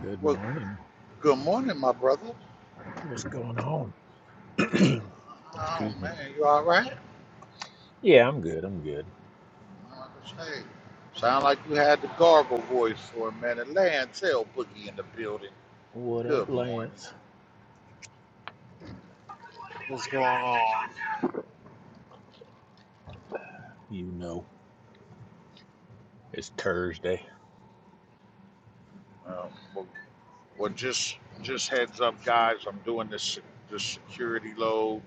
Good Well, morning. good morning, my brother. What's going on? Oh Excuse me. man, you all right? Yeah, I'm good. I'm good. Like I say, sound like you had the gargle voice for a minute. Lay and tell Boogie in the building. What up, Good morning. Lance? What's going on? You know, it's Thursday. Uh, well, well, just just heads up, guys. I'm doing this se- this security load,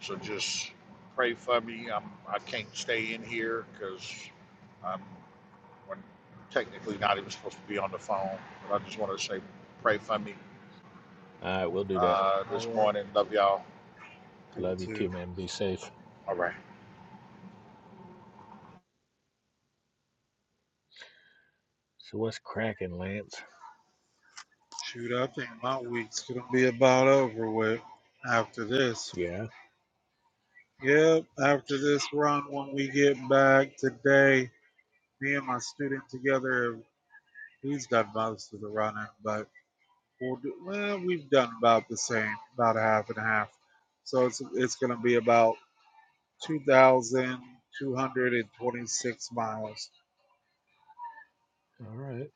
so just pray for me. I'm I can't stay in here because I'm we're technically not even supposed to be on the phone. But I just want to say pray for me All right, we'll do that. uh, this All right. morning. Love y'all. Number Love you too, two. man. Be safe. All right. So, what's cracking, Lance? Shoot, I think my week's gonna be about over with after this. Yeah. Yep, after this run, when we get back today, me and my student together, he's done most of the running, but we'll do, well, we've done about the same, about a half and a half. So it's it's gonna be about two thousand two hundred and twenty-six miles. All right.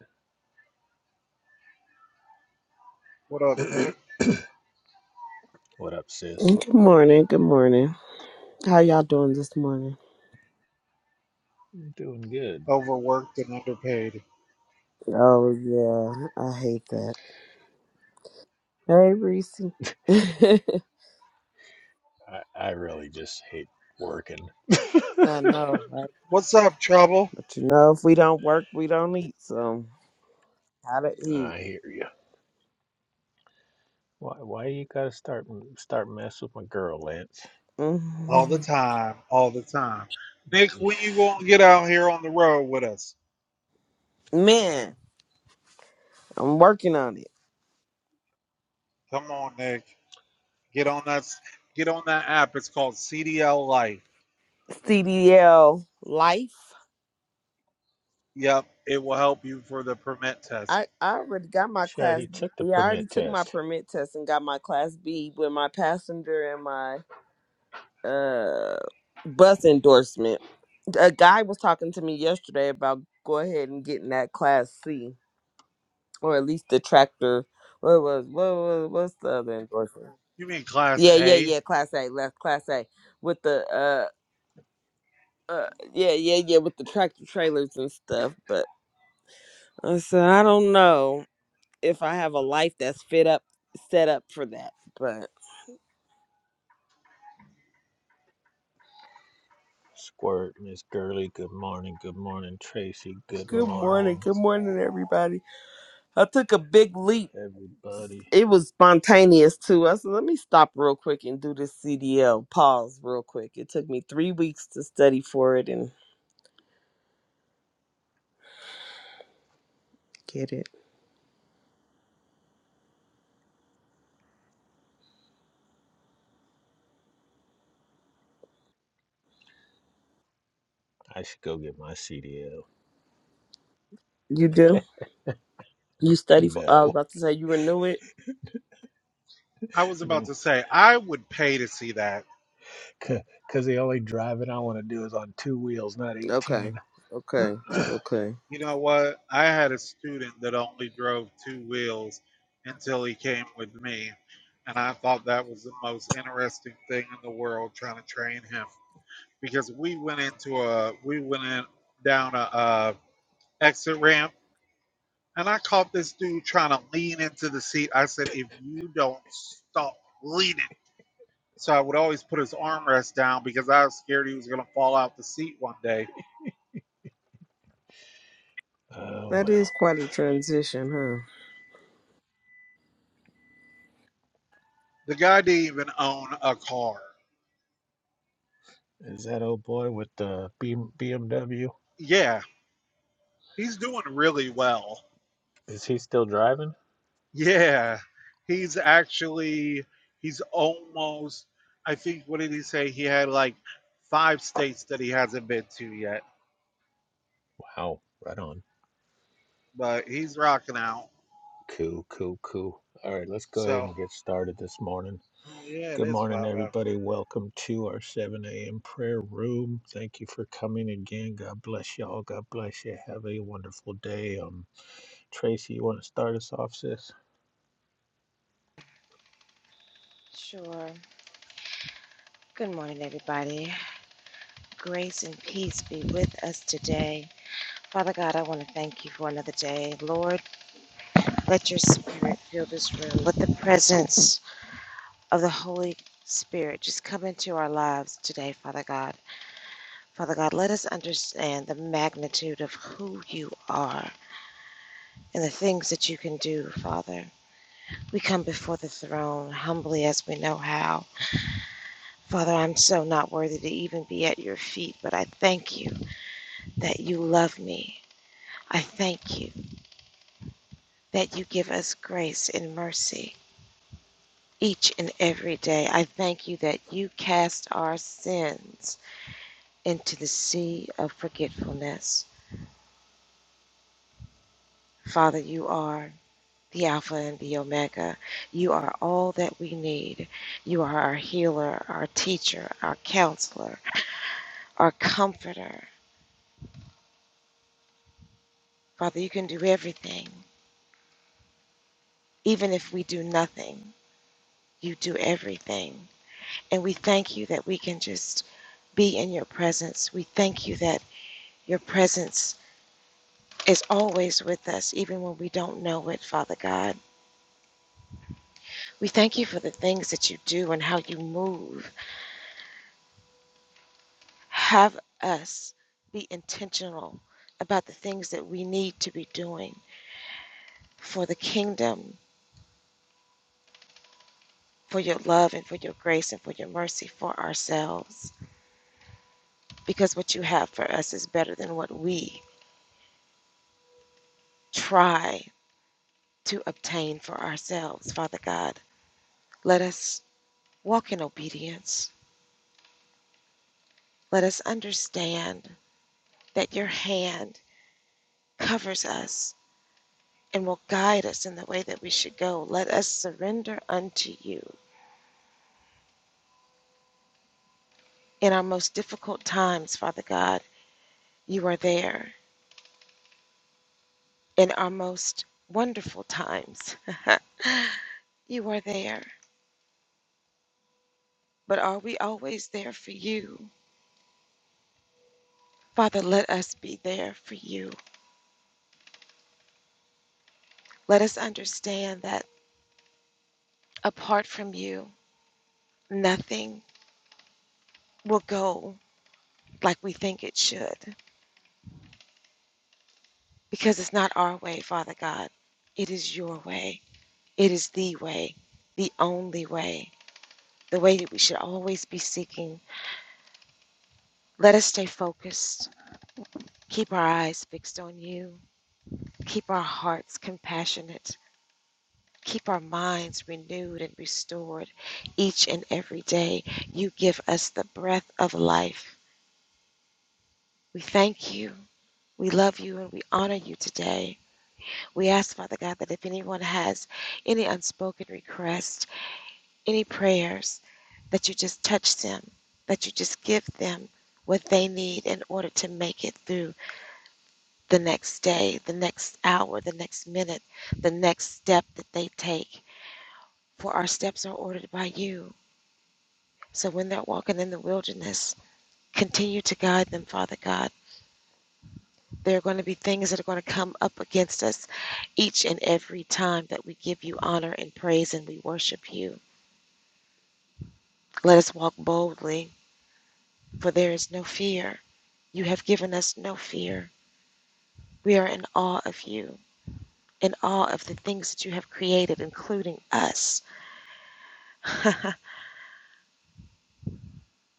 What up, Nick? what up, sis? Good morning. Good morning. How y'all doing this morning? I'm doing good. Overworked and underpaid. Oh yeah, I hate that. Hey, Reese. I I, I really just hate working. know, right? What's up, trouble? But you know, if we don't work, we don't eat. So gotta eat. I hear you. Why why you gotta start start messing with my girl, Lance? All the hmm time, all the time. Y- Nick, y- when you gonna get out here on the road with us? Man, I'm working on it. Come on, Nick. Get on that s- get on that app. It's called CDL Life. CDL life. Yep, it will help you for the permit test. I I already got my She class. already B- took the Yeah, I already permit took my test. permit test and got my class B with my passenger and my uh bus endorsement. a guy was talking to me yesterday about go ahead and getting that class C or at least the tractor. What was what was what's the other endorsement? You mean class Yeah, yeah, A? yeah. Class A, left class A with the uh uh yeah yeah yeah with the tractor trailers and stuff. But I said I don't know if I have a life that's fit up set up for that. But Squirt, Miss Gurley, good morning. Good morning, Tracy. What's Good going good on? morning, morning, good What's going morning on? everybody. I took a big leap everybody. it was spontaneous too. I said, let me stop real quick and do this CDL pause real quick. It took me three weeks to study for it and get it. I should go get my CDL. You do? You study for? I was No, about to say you renew it. I was about no, to say I would pay to see that. because the only driving I want to do is on two wheels, not Okay, 18. okay, okay. You know what? I had a student that only drove two wheels until he came with me, and I thought that was the most interesting thing in the world trying to train him because we went into a we went in down a, uh exit ramp and I caught this dude trying to lean into the seat. I said, if you don't stop leaning. So I would always put his armrest down because I was scared he was gonna fall out the seat one day. Oh, That is well. quite a transition, huh? The guy didn't even own a car. Is that old boy with the B- BMW? Yeah, he's doing really well. Is he still driving? Yeah. He's actually he's almost I think what did he say? He had like five states that he hasn't been to yet Wow, right on. but he's rocking out. Cool, cool, cool. All right, let's go ahead So, and get started this morning. yeah, it Good is morning, five after. everybody. Welcome to our 7 a.m. prayer room. Thank you for coming again. God bless y'all. God bless you. Have a wonderful day. Um, Tracy, you want to start us off, sis? Sure. Good morning, everybody. Grace and peace be with us today. Father God, I want to thank you for another day. Lord, let your spirit fill this room. Let the presence of the Holy Spirit just come into our lives today, Father God. Father God, let us understand the magnitude of who you are and the things that you can do, Father. We come before the throne humbly as we know how. Father, I'm so not worthy to even be at your feet, but I thank you that you love me. I thank you that you give us grace and mercy each and every day. I thank you that you cast our sins into the sea of forgetfulness. Father, you are the Alpha and the Omega. You are all that we need. You are our healer, our teacher, our counselor, our comforter. Father, you can do everything. Even if we do nothing, you do everything. And we thank you that we can just be in your presence. We thank you that your presence is always with us, even when we don't know it, Father God. We thank you for the things that you do and how you move. Have us be intentional about the things that we need to be doing for the kingdom, for your love, and for your grace, and for your mercy for ourselves. Because what you have for us is better than what we try to obtain for ourselves, Father God. Let us walk in obedience. Let us understand that your hand covers us and will guide us in the way that we should go. Let us surrender unto you. In our most difficult times, Father God, you are there. In our most wonderful times, you are there. But are we always there for you? Father, let us be there for you. Let us understand that apart from you, nothing will go like we think it should, because it's not our way, Father God. It is your way. It is the way, the only way, the way that we should always be seeking. Let us stay focused. Keep our eyes fixed on you. Keep our hearts compassionate. Keep our minds renewed and restored each and every day. You give us the breath of life. We thank you. We love you and we honor you today. We ask, Father God, that if anyone has any unspoken requests, any prayers, that you just touch them, that you just give them what they need in order to make it through the next day, the next hour, the next minute, the next step that they take. For our steps are ordered by you. So when they're walking in the wilderness, continue to guide them, Father God. There are going to be things that are going to come up against us each and every time that we give you honor and praise and we worship you. Let us walk boldly, for there is no fear. You have given us no fear. We are in awe of you, in awe of the things that you have created, including us.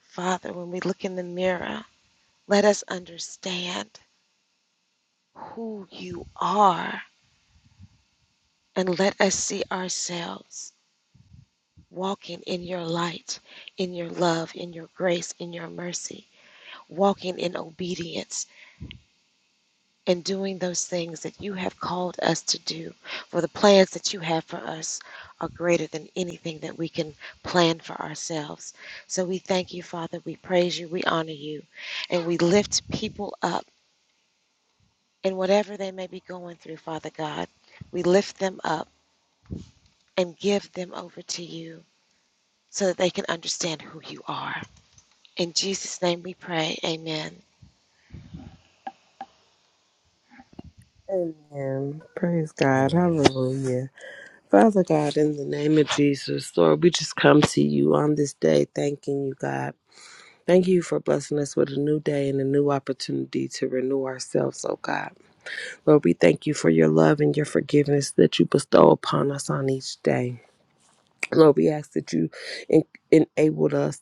Father, when we look in the mirror, let us understand who you are and let us see ourselves walking in your light, in your love, in your grace, in your mercy, walking in obedience and doing those things that you have called us to do. For the plans that you have for us are greater than anything that we can plan for ourselves. So we thank you, Father. We praise you. We honor you. And we lift people up in whatever they may be going through, Father God. We lift them up and give them over to you so that they can understand who you are. In Jesus' name we pray. Amen. Amen. Praise God. Amen. Hallelujah. Father God, in the name of Jesus, Lord, we just come to you on this day, thanking you, God. Thank you for blessing us with a new day and a new opportunity to renew ourselves, oh God. Lord, we thank you for your love and your forgiveness that you bestow upon us on each day. Lord, we ask that you en- enabled us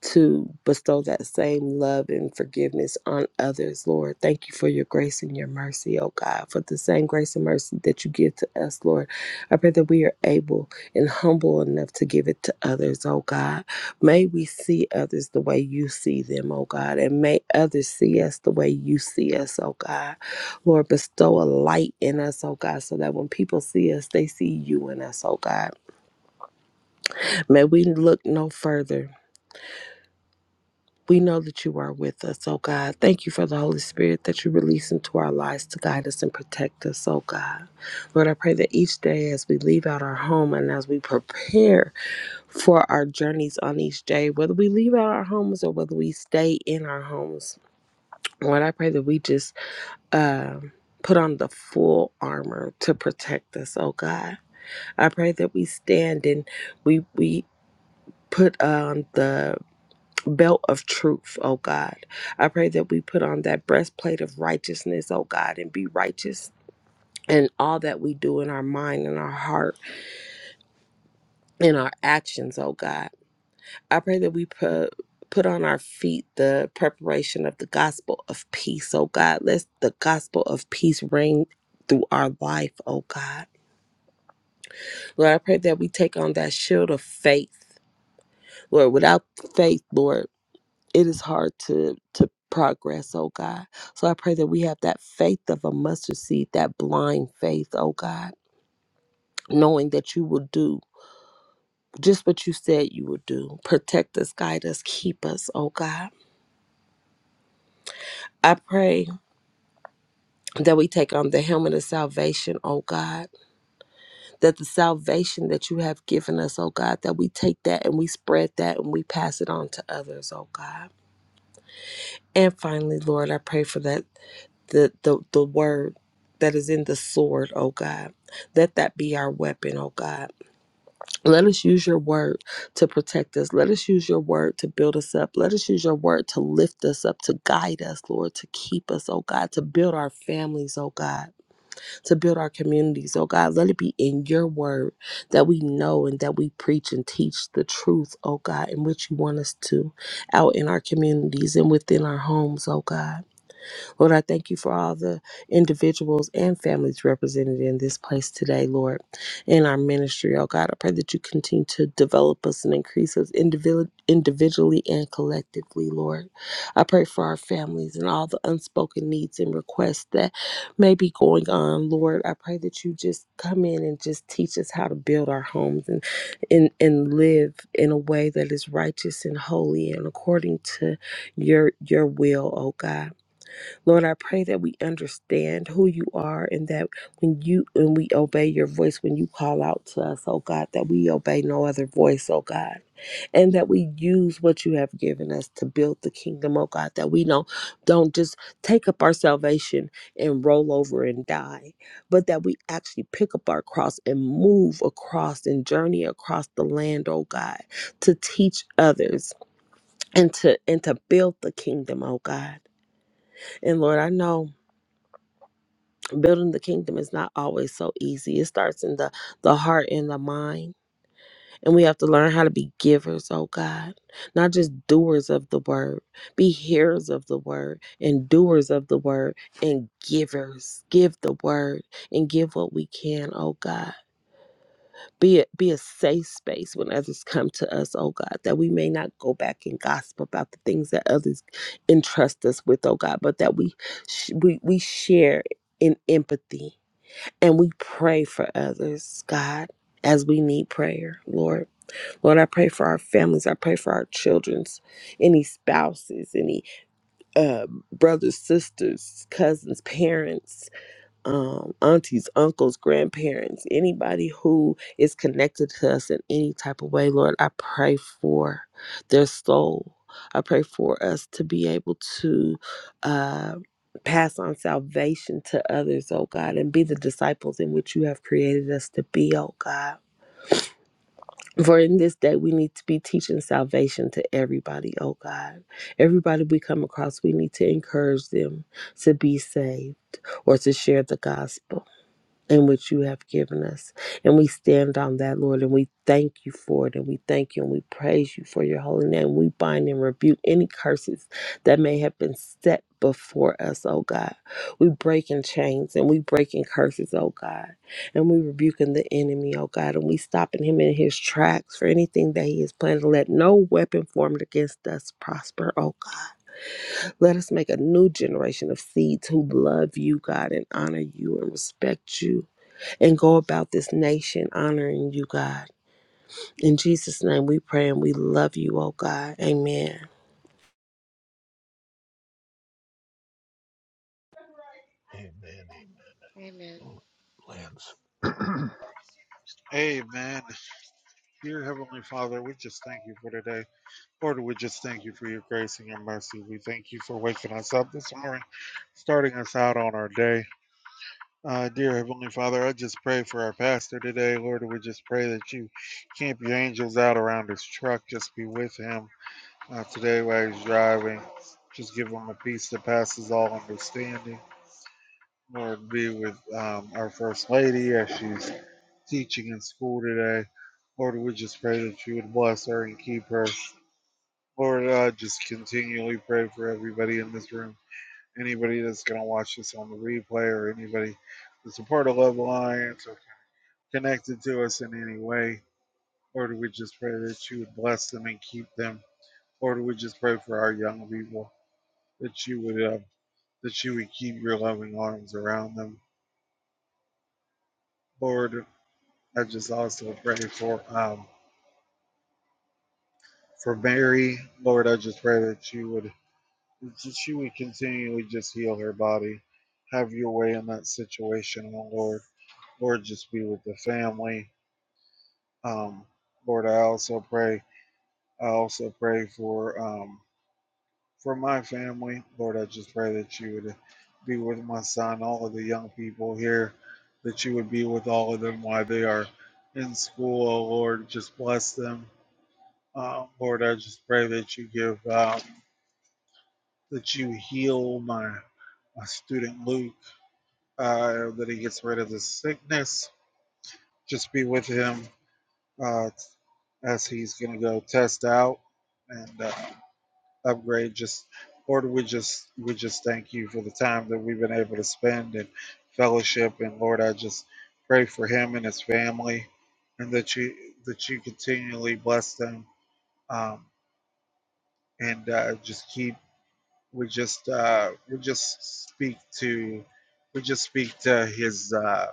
to bestow that same love and forgiveness on others, Lord. Thank you for your grace and your mercy, oh God, for the same grace and mercy that you give to us, Lord. I pray that we are able and humble enough to give it to others, oh God. May we see others the way you see them, oh God, and may others see us the way you see us, oh God. Lord, bestow a light in us, oh God, so that when people see us, they see you in us, oh God. May we look no further. We know that you are with us, oh God. Thank you for the Holy Spirit that you release into our lives to guide us and protect us, oh God. Lord, I pray that each day as we leave out our home and as we prepare for our journeys on each day, whether we leave out our homes or whether we stay in our homes, Lord, I pray that we just um put on the full armor to protect us, oh God. I pray that we stand and we we put on the belt of truth, oh God. I pray that we put on that breastplate of righteousness, oh God, and be righteous in all that we do in our mind and our heart and our actions, oh God. I pray that we put put on our feet the preparation of the gospel of peace, oh God. Let the gospel of peace reign through our life, oh God. Lord, I pray that we take on that shield of faith. Lord, without faith, Lord, it is hard to to progress, oh God. So I pray that we have that faith of a mustard seed, that blind faith, oh God, knowing that you will do just what you said you would do. Protect us, guide us, keep us, oh God. I pray that we take on the helmet of salvation, oh God, that the salvation that you have given us, oh God, that we take that and we spread that and we pass it on to others, oh God. And finally, Lord, I pray for that the, the, the word that is in the sword, oh God. Let that be our weapon, oh God. Let us use your word to protect us. Let us use your word to build us up. Let us use your word to lift us up, to guide us, Lord, to keep us, oh God, to build our families, oh God, to build our communities, oh God. Let it be in your word that we know and that we preach and teach the truth, oh God, in which you want us to out in our communities and within our homes, oh God. Lord, I thank you for all the individuals and families represented in this place today, Lord, in our ministry. Oh God, I pray that you continue to develop us and increase us individ- individually and collectively, Lord. I pray for our families and all the unspoken needs and requests that may be going on, Lord. I pray that you just come in and just teach us how to build our homes and and, and live in a way that is righteous and holy and according to your your will, oh God. Lord, I pray that we understand who you are and that when you when we obey your voice, when you call out to us, oh God, that we obey no other voice, oh God. And that we use what you have given us to build the kingdom, oh God, that we don't don't just take up our salvation and roll over and die, but that we actually pick up our cross and move across and journey across the land, oh God, to teach others and to and to build the kingdom, oh God. And Lord, I know building the kingdom is not always so easy. It starts in the the heart and the mind, and we have to learn how to be givers, oh God, not just doers of the word. Be hearers of the word and doers of the word and givers. Give the word and give what we can, oh God. Be a, be a safe space when others come to us, oh God, that we may not go back and gossip about the things that others entrust us with, oh God, but that we sh- we we share in empathy and we pray for others, God, as we need prayer, Lord. Lord, I pray for our families. I pray for our children's, any spouses, any uh, brothers, sisters, cousins, parents, um, aunties, uncles, grandparents, anybody who is connected to us in any type of way, Lord, I pray for their soul. I pray for us to be able to uh, pass on salvation to others, oh God, and be the disciples in which you have created us to be, oh God. For in this day, we need to be teaching salvation to everybody, oh God. Everybody we come across, we need to encourage them to be saved or to share the gospel. In which you have given us. And we stand on that, Lord, and we thank you for it. And we thank you and we praise you for your holy name. We bind and rebuke any curses that may have been set before us, oh God. We break in chains and we break in curses, oh God. And we rebuke in the enemy, oh God. And we stopping him in his tracks for anything that he is planning let no weapon formed against us prosper, oh God. Let us make a new generation of seeds who love you, God, and honor you and respect you and go about this nation honoring you, God. In Jesus' name we pray and we love you, oh God. Amen. Amen. Amen. Amen. Lance. Amen. Dear Heavenly Father, we just thank you for today. Lord, we just thank you for your grace and your mercy. We thank you for waking us up this morning, starting us out on our day. Uh, dear Heavenly Father, I just pray for our pastor today. Lord, we just pray that you camp your angels out around his truck. Just be with him uh, today while he's driving. Just give him a peace that passes all understanding. Lord be with um, our First Lady as she's teaching in school today. Lord, we just pray that you would bless her and keep her. Lord, uh, just continually pray for everybody in this room, anybody that's going to watch this on the replay, or anybody that's a part of Love Alliance or connected to us in any way. Lord, we just pray that you would bless them and keep them. Lord, we just pray for our young people that you would uh, that you would keep your loving arms around them. Lord, I just also pray for um for Mary, Lord. I just pray that she would she would continually just heal her body. Have your way in that situation, oh Lord. Lord, just be with the family. Um, Lord, I also pray. I also pray for um for my family, Lord. I just pray that you would be with my son, all of the young people here, that you would be with all of them while they are in school, oh Lord. Just bless them Uh, Lord, I just pray that you give, um, that you heal my, my student Luke, uh, that he gets rid of the sickness. Just be with him uh, as he's going to go test out and uh, upgrade. Just Lord, we just we just thank you for the time that we've been able to spend and fellowship. And Lord, I just pray for him and his family, and that you that you continually bless them um, and uh, just keep we just uh, we just speak to we just speak to his uh,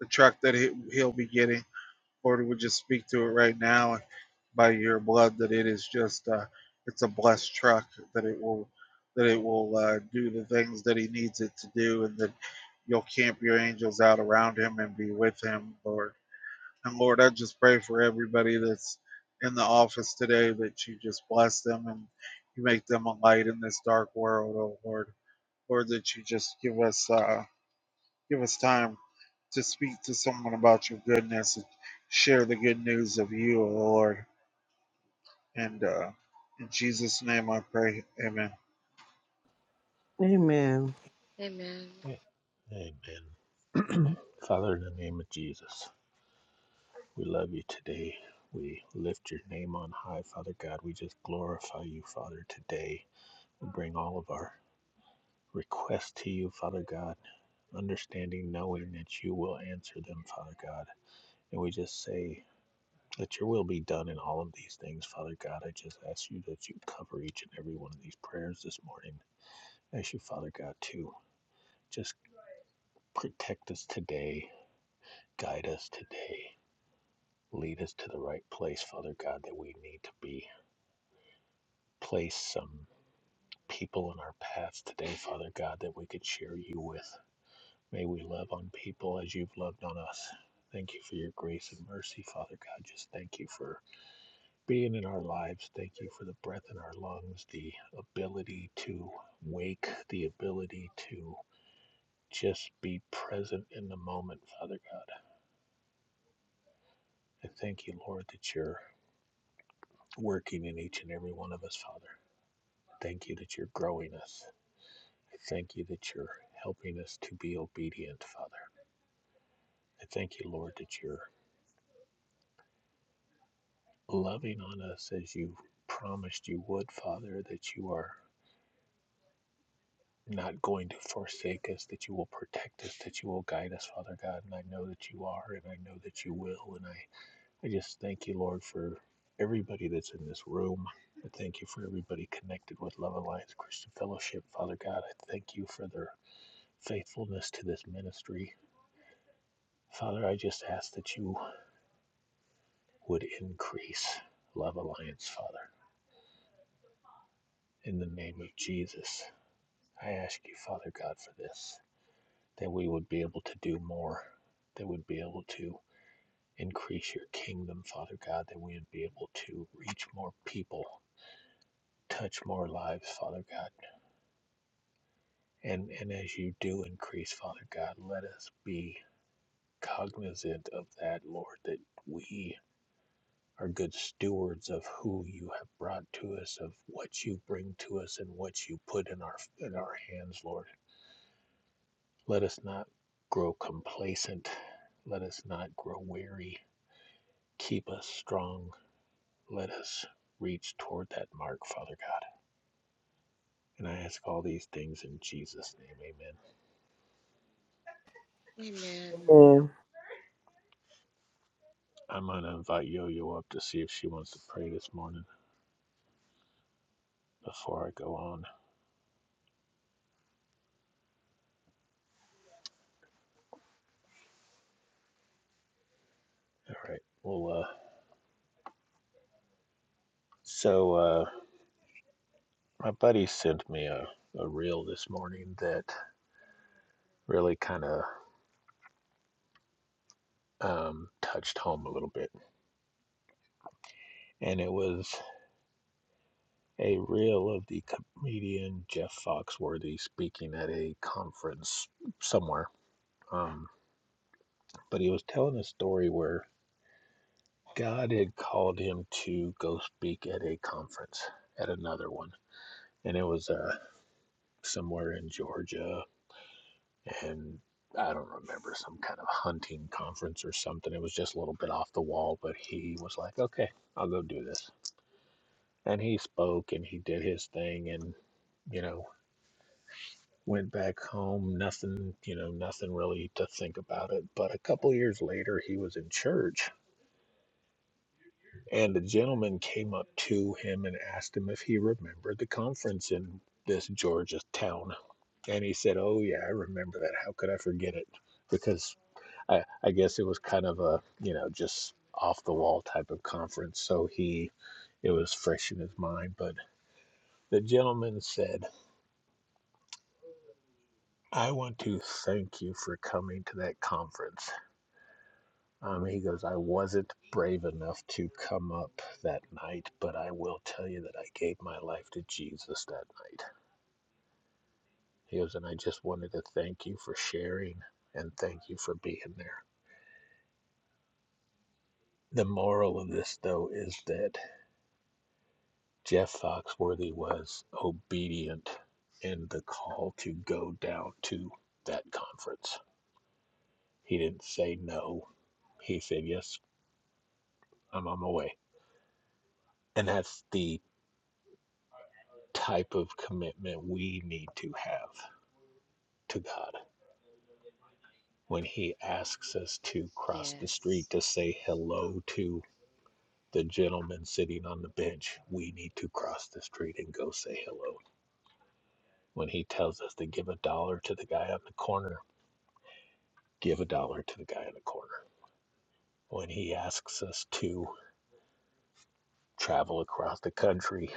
the truck that he, he'll be getting. Lord, we just speak to it right now by your blood that it is just uh, it's a blessed truck that it will that it will uh, do the things that he needs it to do and that you'll camp your angels out around him and be with him, Lord and Lord, I just pray for everybody that's in the office today that you just bless them and you make them a light in this dark world, oh Lord. Lord, that you just give us uh, give us time to speak to someone about your goodness and share the good news of you, oh Lord. And uh, in Jesus' name I pray, amen. Amen. Amen. A- Amen. Father, in the name of Jesus, we love you today. We lift your name on high, Father God. We just glorify you, Father, today. We bring all of our requests to you, Father God understanding, knowing that you will answer them, Father God. And we just say, that your will be done in all of these things, Father God. I just ask you that you cover each and every one of these prayers this morning. I ask you, Father God, to just protect us today, guide us today, lead us to the right place, Father God, that we need to be. Place some people in our paths today, Father God, that we could share you with. May we love on people as you've loved on us. Thank you for your grace and mercy, Father God. Just thank you for being in our lives. Thank you for the breath in our lungs, the ability to wake, the ability to just be present in the moment, Father God. I thank you, Lord, that you're working in each and every one of us, Father. Thank you that you're growing us. I thank you that you're helping us to be obedient, Father. I thank you, Lord, that you're loving on us as you promised you would, Father, that you are not going to forsake us, that you will protect us, that you will guide us, Father God. And I know that you are, and I know that you will. And I, I just thank you, Lord, for everybody that's in this room. I thank you for everybody connected with Love Alliance Christian Fellowship, Father God. I thank you for their faithfulness to this ministry. Father, I just ask that you would increase Love Alliance, Father, in the name of Jesus. I ask you, Father God, for this, that we would be able to do more, that we'd be able to increase your kingdom, Father God, that we would be able to reach more people, touch more lives, Father God. And and as you do increase, Father God, let us be cognizant of that, Lord, that we are good stewards of who you have brought to us, of what you bring to us and what you put in our in our hands, Lord. Let us not grow complacent. Let us not grow weary. Keep us strong. Let us reach toward that mark, Father God. And I ask all these things in Jesus' name. Amen. Amen. Amen. I'm going to invite Yo Yo up to see if she wants to pray this morning before I go on. All right. Well, uh, so uh, my buddy sent me a, a reel this morning that really kind of um, touched home a little bit. And it was A reel of the comedian Jeff Foxworthy speaking at a conference somewhere. Um, but he was telling a story where God had called him to go speak at a conference, at another one. And it was uh, somewhere in Georgia. And I don't remember, some kind of hunting conference or something. It was just a little bit off the wall, but he was like, okay, I'll go do this. And he spoke and he did his thing. And, you know, Went back home, nothing, you know, nothing really to think about it. But a couple years later, he was in church, and a gentleman came up to him and asked him if he remembered the conference in this Georgia town. And he said, Oh, yeah, I remember that. How could I forget it? Because I, I guess it was kind of a, you know, just off the wall type of conference. So he, it was fresh in his mind. But the gentleman said, I want to thank you for coming to that conference. Um, he goes, I wasn't brave enough to come up that night, but I will tell you that I gave my life to Jesus that night. He goes, and I just wanted to thank you for sharing and thank you for being there. The moral of this, though, is that Jeff Foxworthy was obedient in the call to go down to that conference. He didn't say no, he said, Yes, I'm on my way. And that's the type of commitment we need to have to God when He asks us to cross the Yes. street to say hello to the gentleman sitting on the bench. We need to cross the street and go say hello. When He tells us to give a dollar to the guy on the corner, give a dollar to the guy on the corner. When He asks us to travel across the country,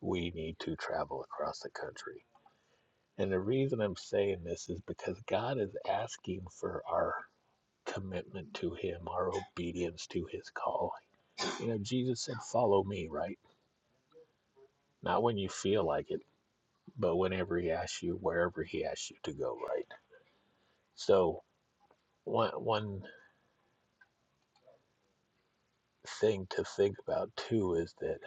we need to travel across the country. And the reason I'm saying this is because God is asking for our commitment to Him, our obedience to His call You know, Jesus said, Follow me, right? Not when you feel like it, but whenever He asks you, wherever He asks you to go, right? So, one, one thing to think about too is that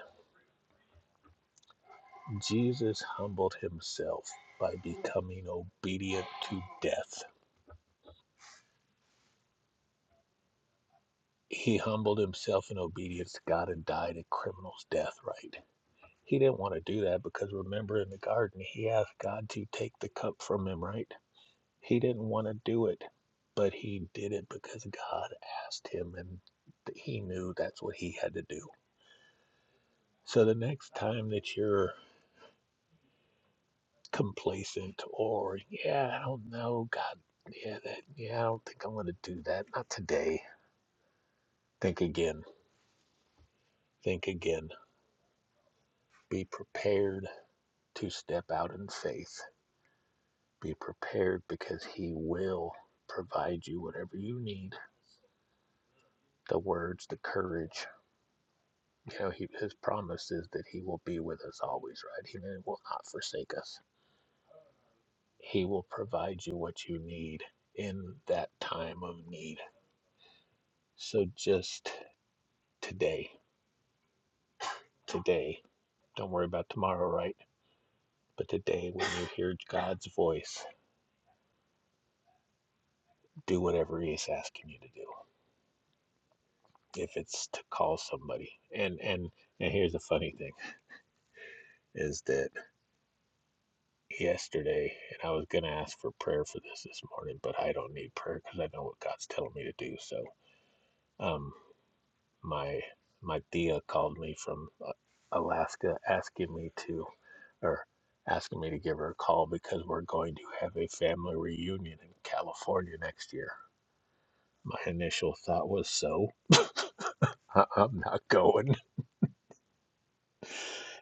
Jesus humbled Himself by becoming obedient to death. He humbled Himself in obedience to God and died a criminal's death, right? He didn't want to do that because remember in the garden, He asked God to take the cup from Him, right? He didn't want to do it, but he did it because God asked him and he knew that's what he had to do. So the next time that you're complacent or, yeah, I don't know, God, yeah, that, yeah, I don't think I'm going to do that. Not today. Think again. Think again. Be prepared to step out in faith. Be prepared because he will provide you whatever you need the words, the courage, You know, he, his promise is that he will be with us always, right? He will not forsake us. He will provide you what you need in that time of need. So just today, today, don't worry about tomorrow, right? But today, when you hear God's voice, do whatever He is asking you to do. If it's to call somebody, and and and here's the funny thing is that yesterday, and I was gonna ask for prayer for this this morning, but I don't need prayer because I know what God's telling me to do. So Um, my my Thea called me from uh, Alaska asking me to, or asking me to give her a call because we're going to have a family reunion in California next year. My initial thought was, so I- I'm not going.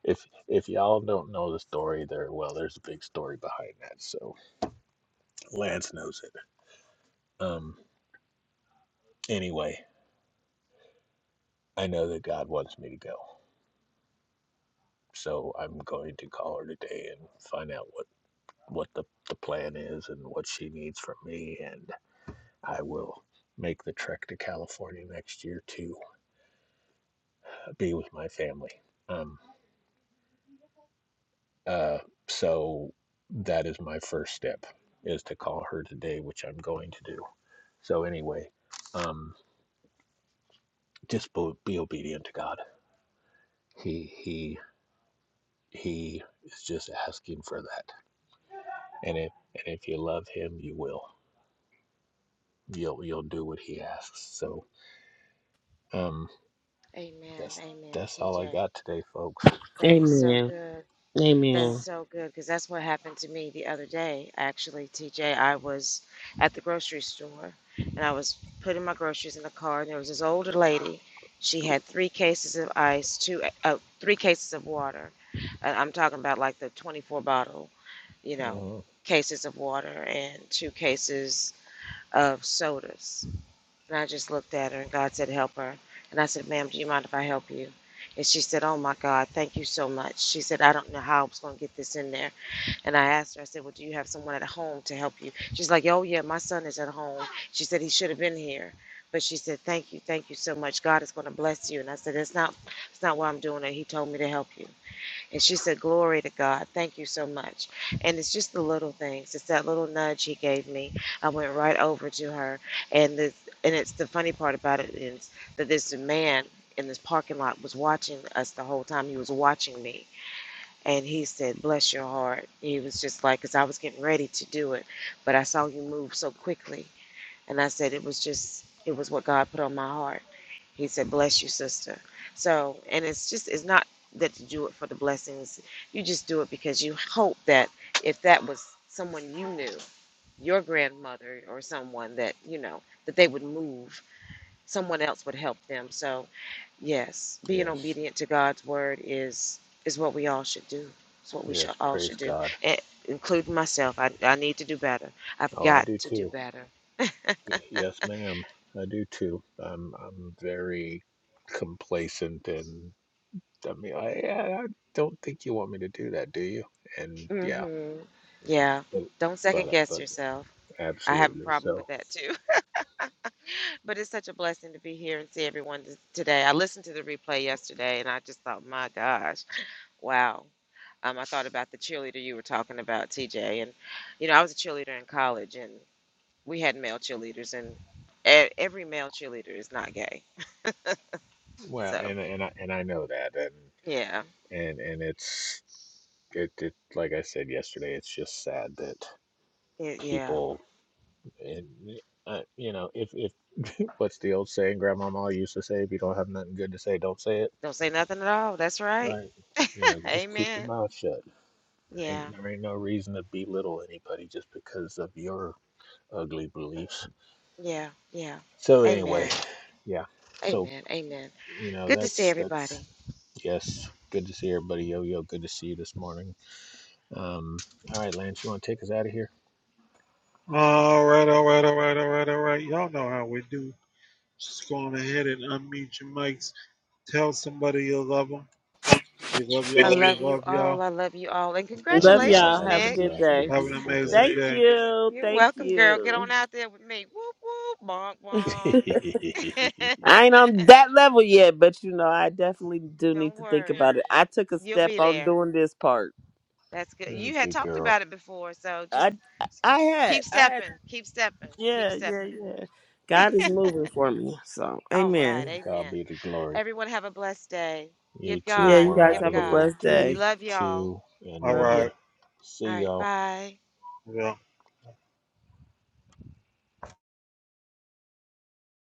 If if y'all don't know the story, there well, there's a big story behind that. So Lance knows it. Um, anyway, I know that God wants me to go, so I'm going to call her today and find out what the, the plan is and what she needs from me. And I will make the trek to California next year to be with my family. Um, uh, so that is my first step is to call her today, which I'm going to do. So anyway, um, just be, be obedient to God. He, he, he is just asking for that. And if, and if you love him, you will, you'll, you'll do what he asks. So, um, Amen. that's, Amen. that's all I TJ. got today, folks. That is so Amen. good. That is Amen. so good because that's what happened to me the other day, actually, TJ. I was at the grocery store and I was putting my groceries in the car, and there was this older lady. She had three cases of ice, two, uh, three cases of water. Uh, I'm talking about like the 24 bottle, you know, Mhm. cases of water and two cases of sodas. And I just looked at her, and God said, Help her. And I said, Ma'am, do you mind if I help you? And she said, Oh my God, thank you so much. She said, I don't know how I was going to get this in there. And I asked her, I said, Well, do you have someone at home to help you? She's like, Oh, yeah, my son is at home. She said, He should have been here. But she said, Thank you, thank you so much. God is going to bless you. And I said, It's not, it's not why I'm doing it. He told me to help you. And she said, Glory to God. Thank you so much. And it's just the little things. It's that little nudge he gave me. I went right over to her. And this, and it's the funny part about it is that this man in this parking lot was watching us the whole time. He was watching me. And he said, Bless your heart. He was just like, because I was getting ready to do it. But I saw you move so quickly. And I said, it was just, it was what God put on my heart. He said, bless you, sister. So, and it's just, it's not that you do it for the blessings. You just do it because you hope that if that was someone you knew, your grandmother or someone that, you know, that they would move, someone else would help them. So, yes, being Yes. obedient to God's word is, is what we all should do. It's what we should Yes. all Praise should do, God. and including myself. I, I need to do better. I've Oh, I got do to do too. better Y- Yes, ma'am. I do too. I'm I'm very complacent, and I mean, I I I don't think you want me to do that, do you? And yeah, hmm Yeah. but Don't second but guess but yourself. I have a absolutely. problem with So that too. But it's such a blessing to be here and see everyone t- today. I listened to the replay yesterday and I just thought, my gosh, wow. Um, I thought about the cheerleader you were talking about, TJ. And, you know, I was a cheerleader in college and we had male cheerleaders, and e- every male cheerleader is not gay. well, So, and and I and I know that, and yeah. and and it's it it like I said yesterday, it's just sad that Y- Yeah. people. And, uh, you know, if if what's the old saying Grandmama used to say? If you don't have nothing good to say, don't say it. Don't say nothing at all. That's right. Right. You know, just keep your Amen. mouth shut. There Yeah. Ain't, there ain't no reason to belittle anybody just because of your ugly beliefs. Yeah. Yeah. So Amen. anyway, yeah. So Amen. Amen. you know, Good to see that's that's everybody. yes. Good to see everybody. Yo yo, good to see you this morning. Um, all right, Lance, you want to take us out of here? All right, all right, all right, all right, all right. Y'all know how we do. Just go on ahead and unmute your mics. Tell somebody you love them. We love We I Love y'all. you. We love you love y'all. all. I love you all. And Love Love y'all. y'all. congratulations, Have a Have a Nick. good blessed and day. Have an beautiful amazing day. Thank day. you. You're Thank welcome, girl. Get you. on out there with me. Whoop, whoop, bonk, bonk. I ain't on that level yet, but you know, I definitely do need Don't to think worry. about it. I took a You'll step be on there. doing this part. That's good. Uh, You had Good talked girl. about it before, so just I I had. keep I had stepping, keep stepping, keep yeah, yeah, stepping. yeah. God is moving for me. So All right. amen. God Amen. be the glory. Everyone have a blessed day. You Give too, Yeah, and you God, we're guys give out of have a here God. in blessed We day. three, love y'all. two, and All Love you. one. right. All See right. y'all. Bye. Yeah.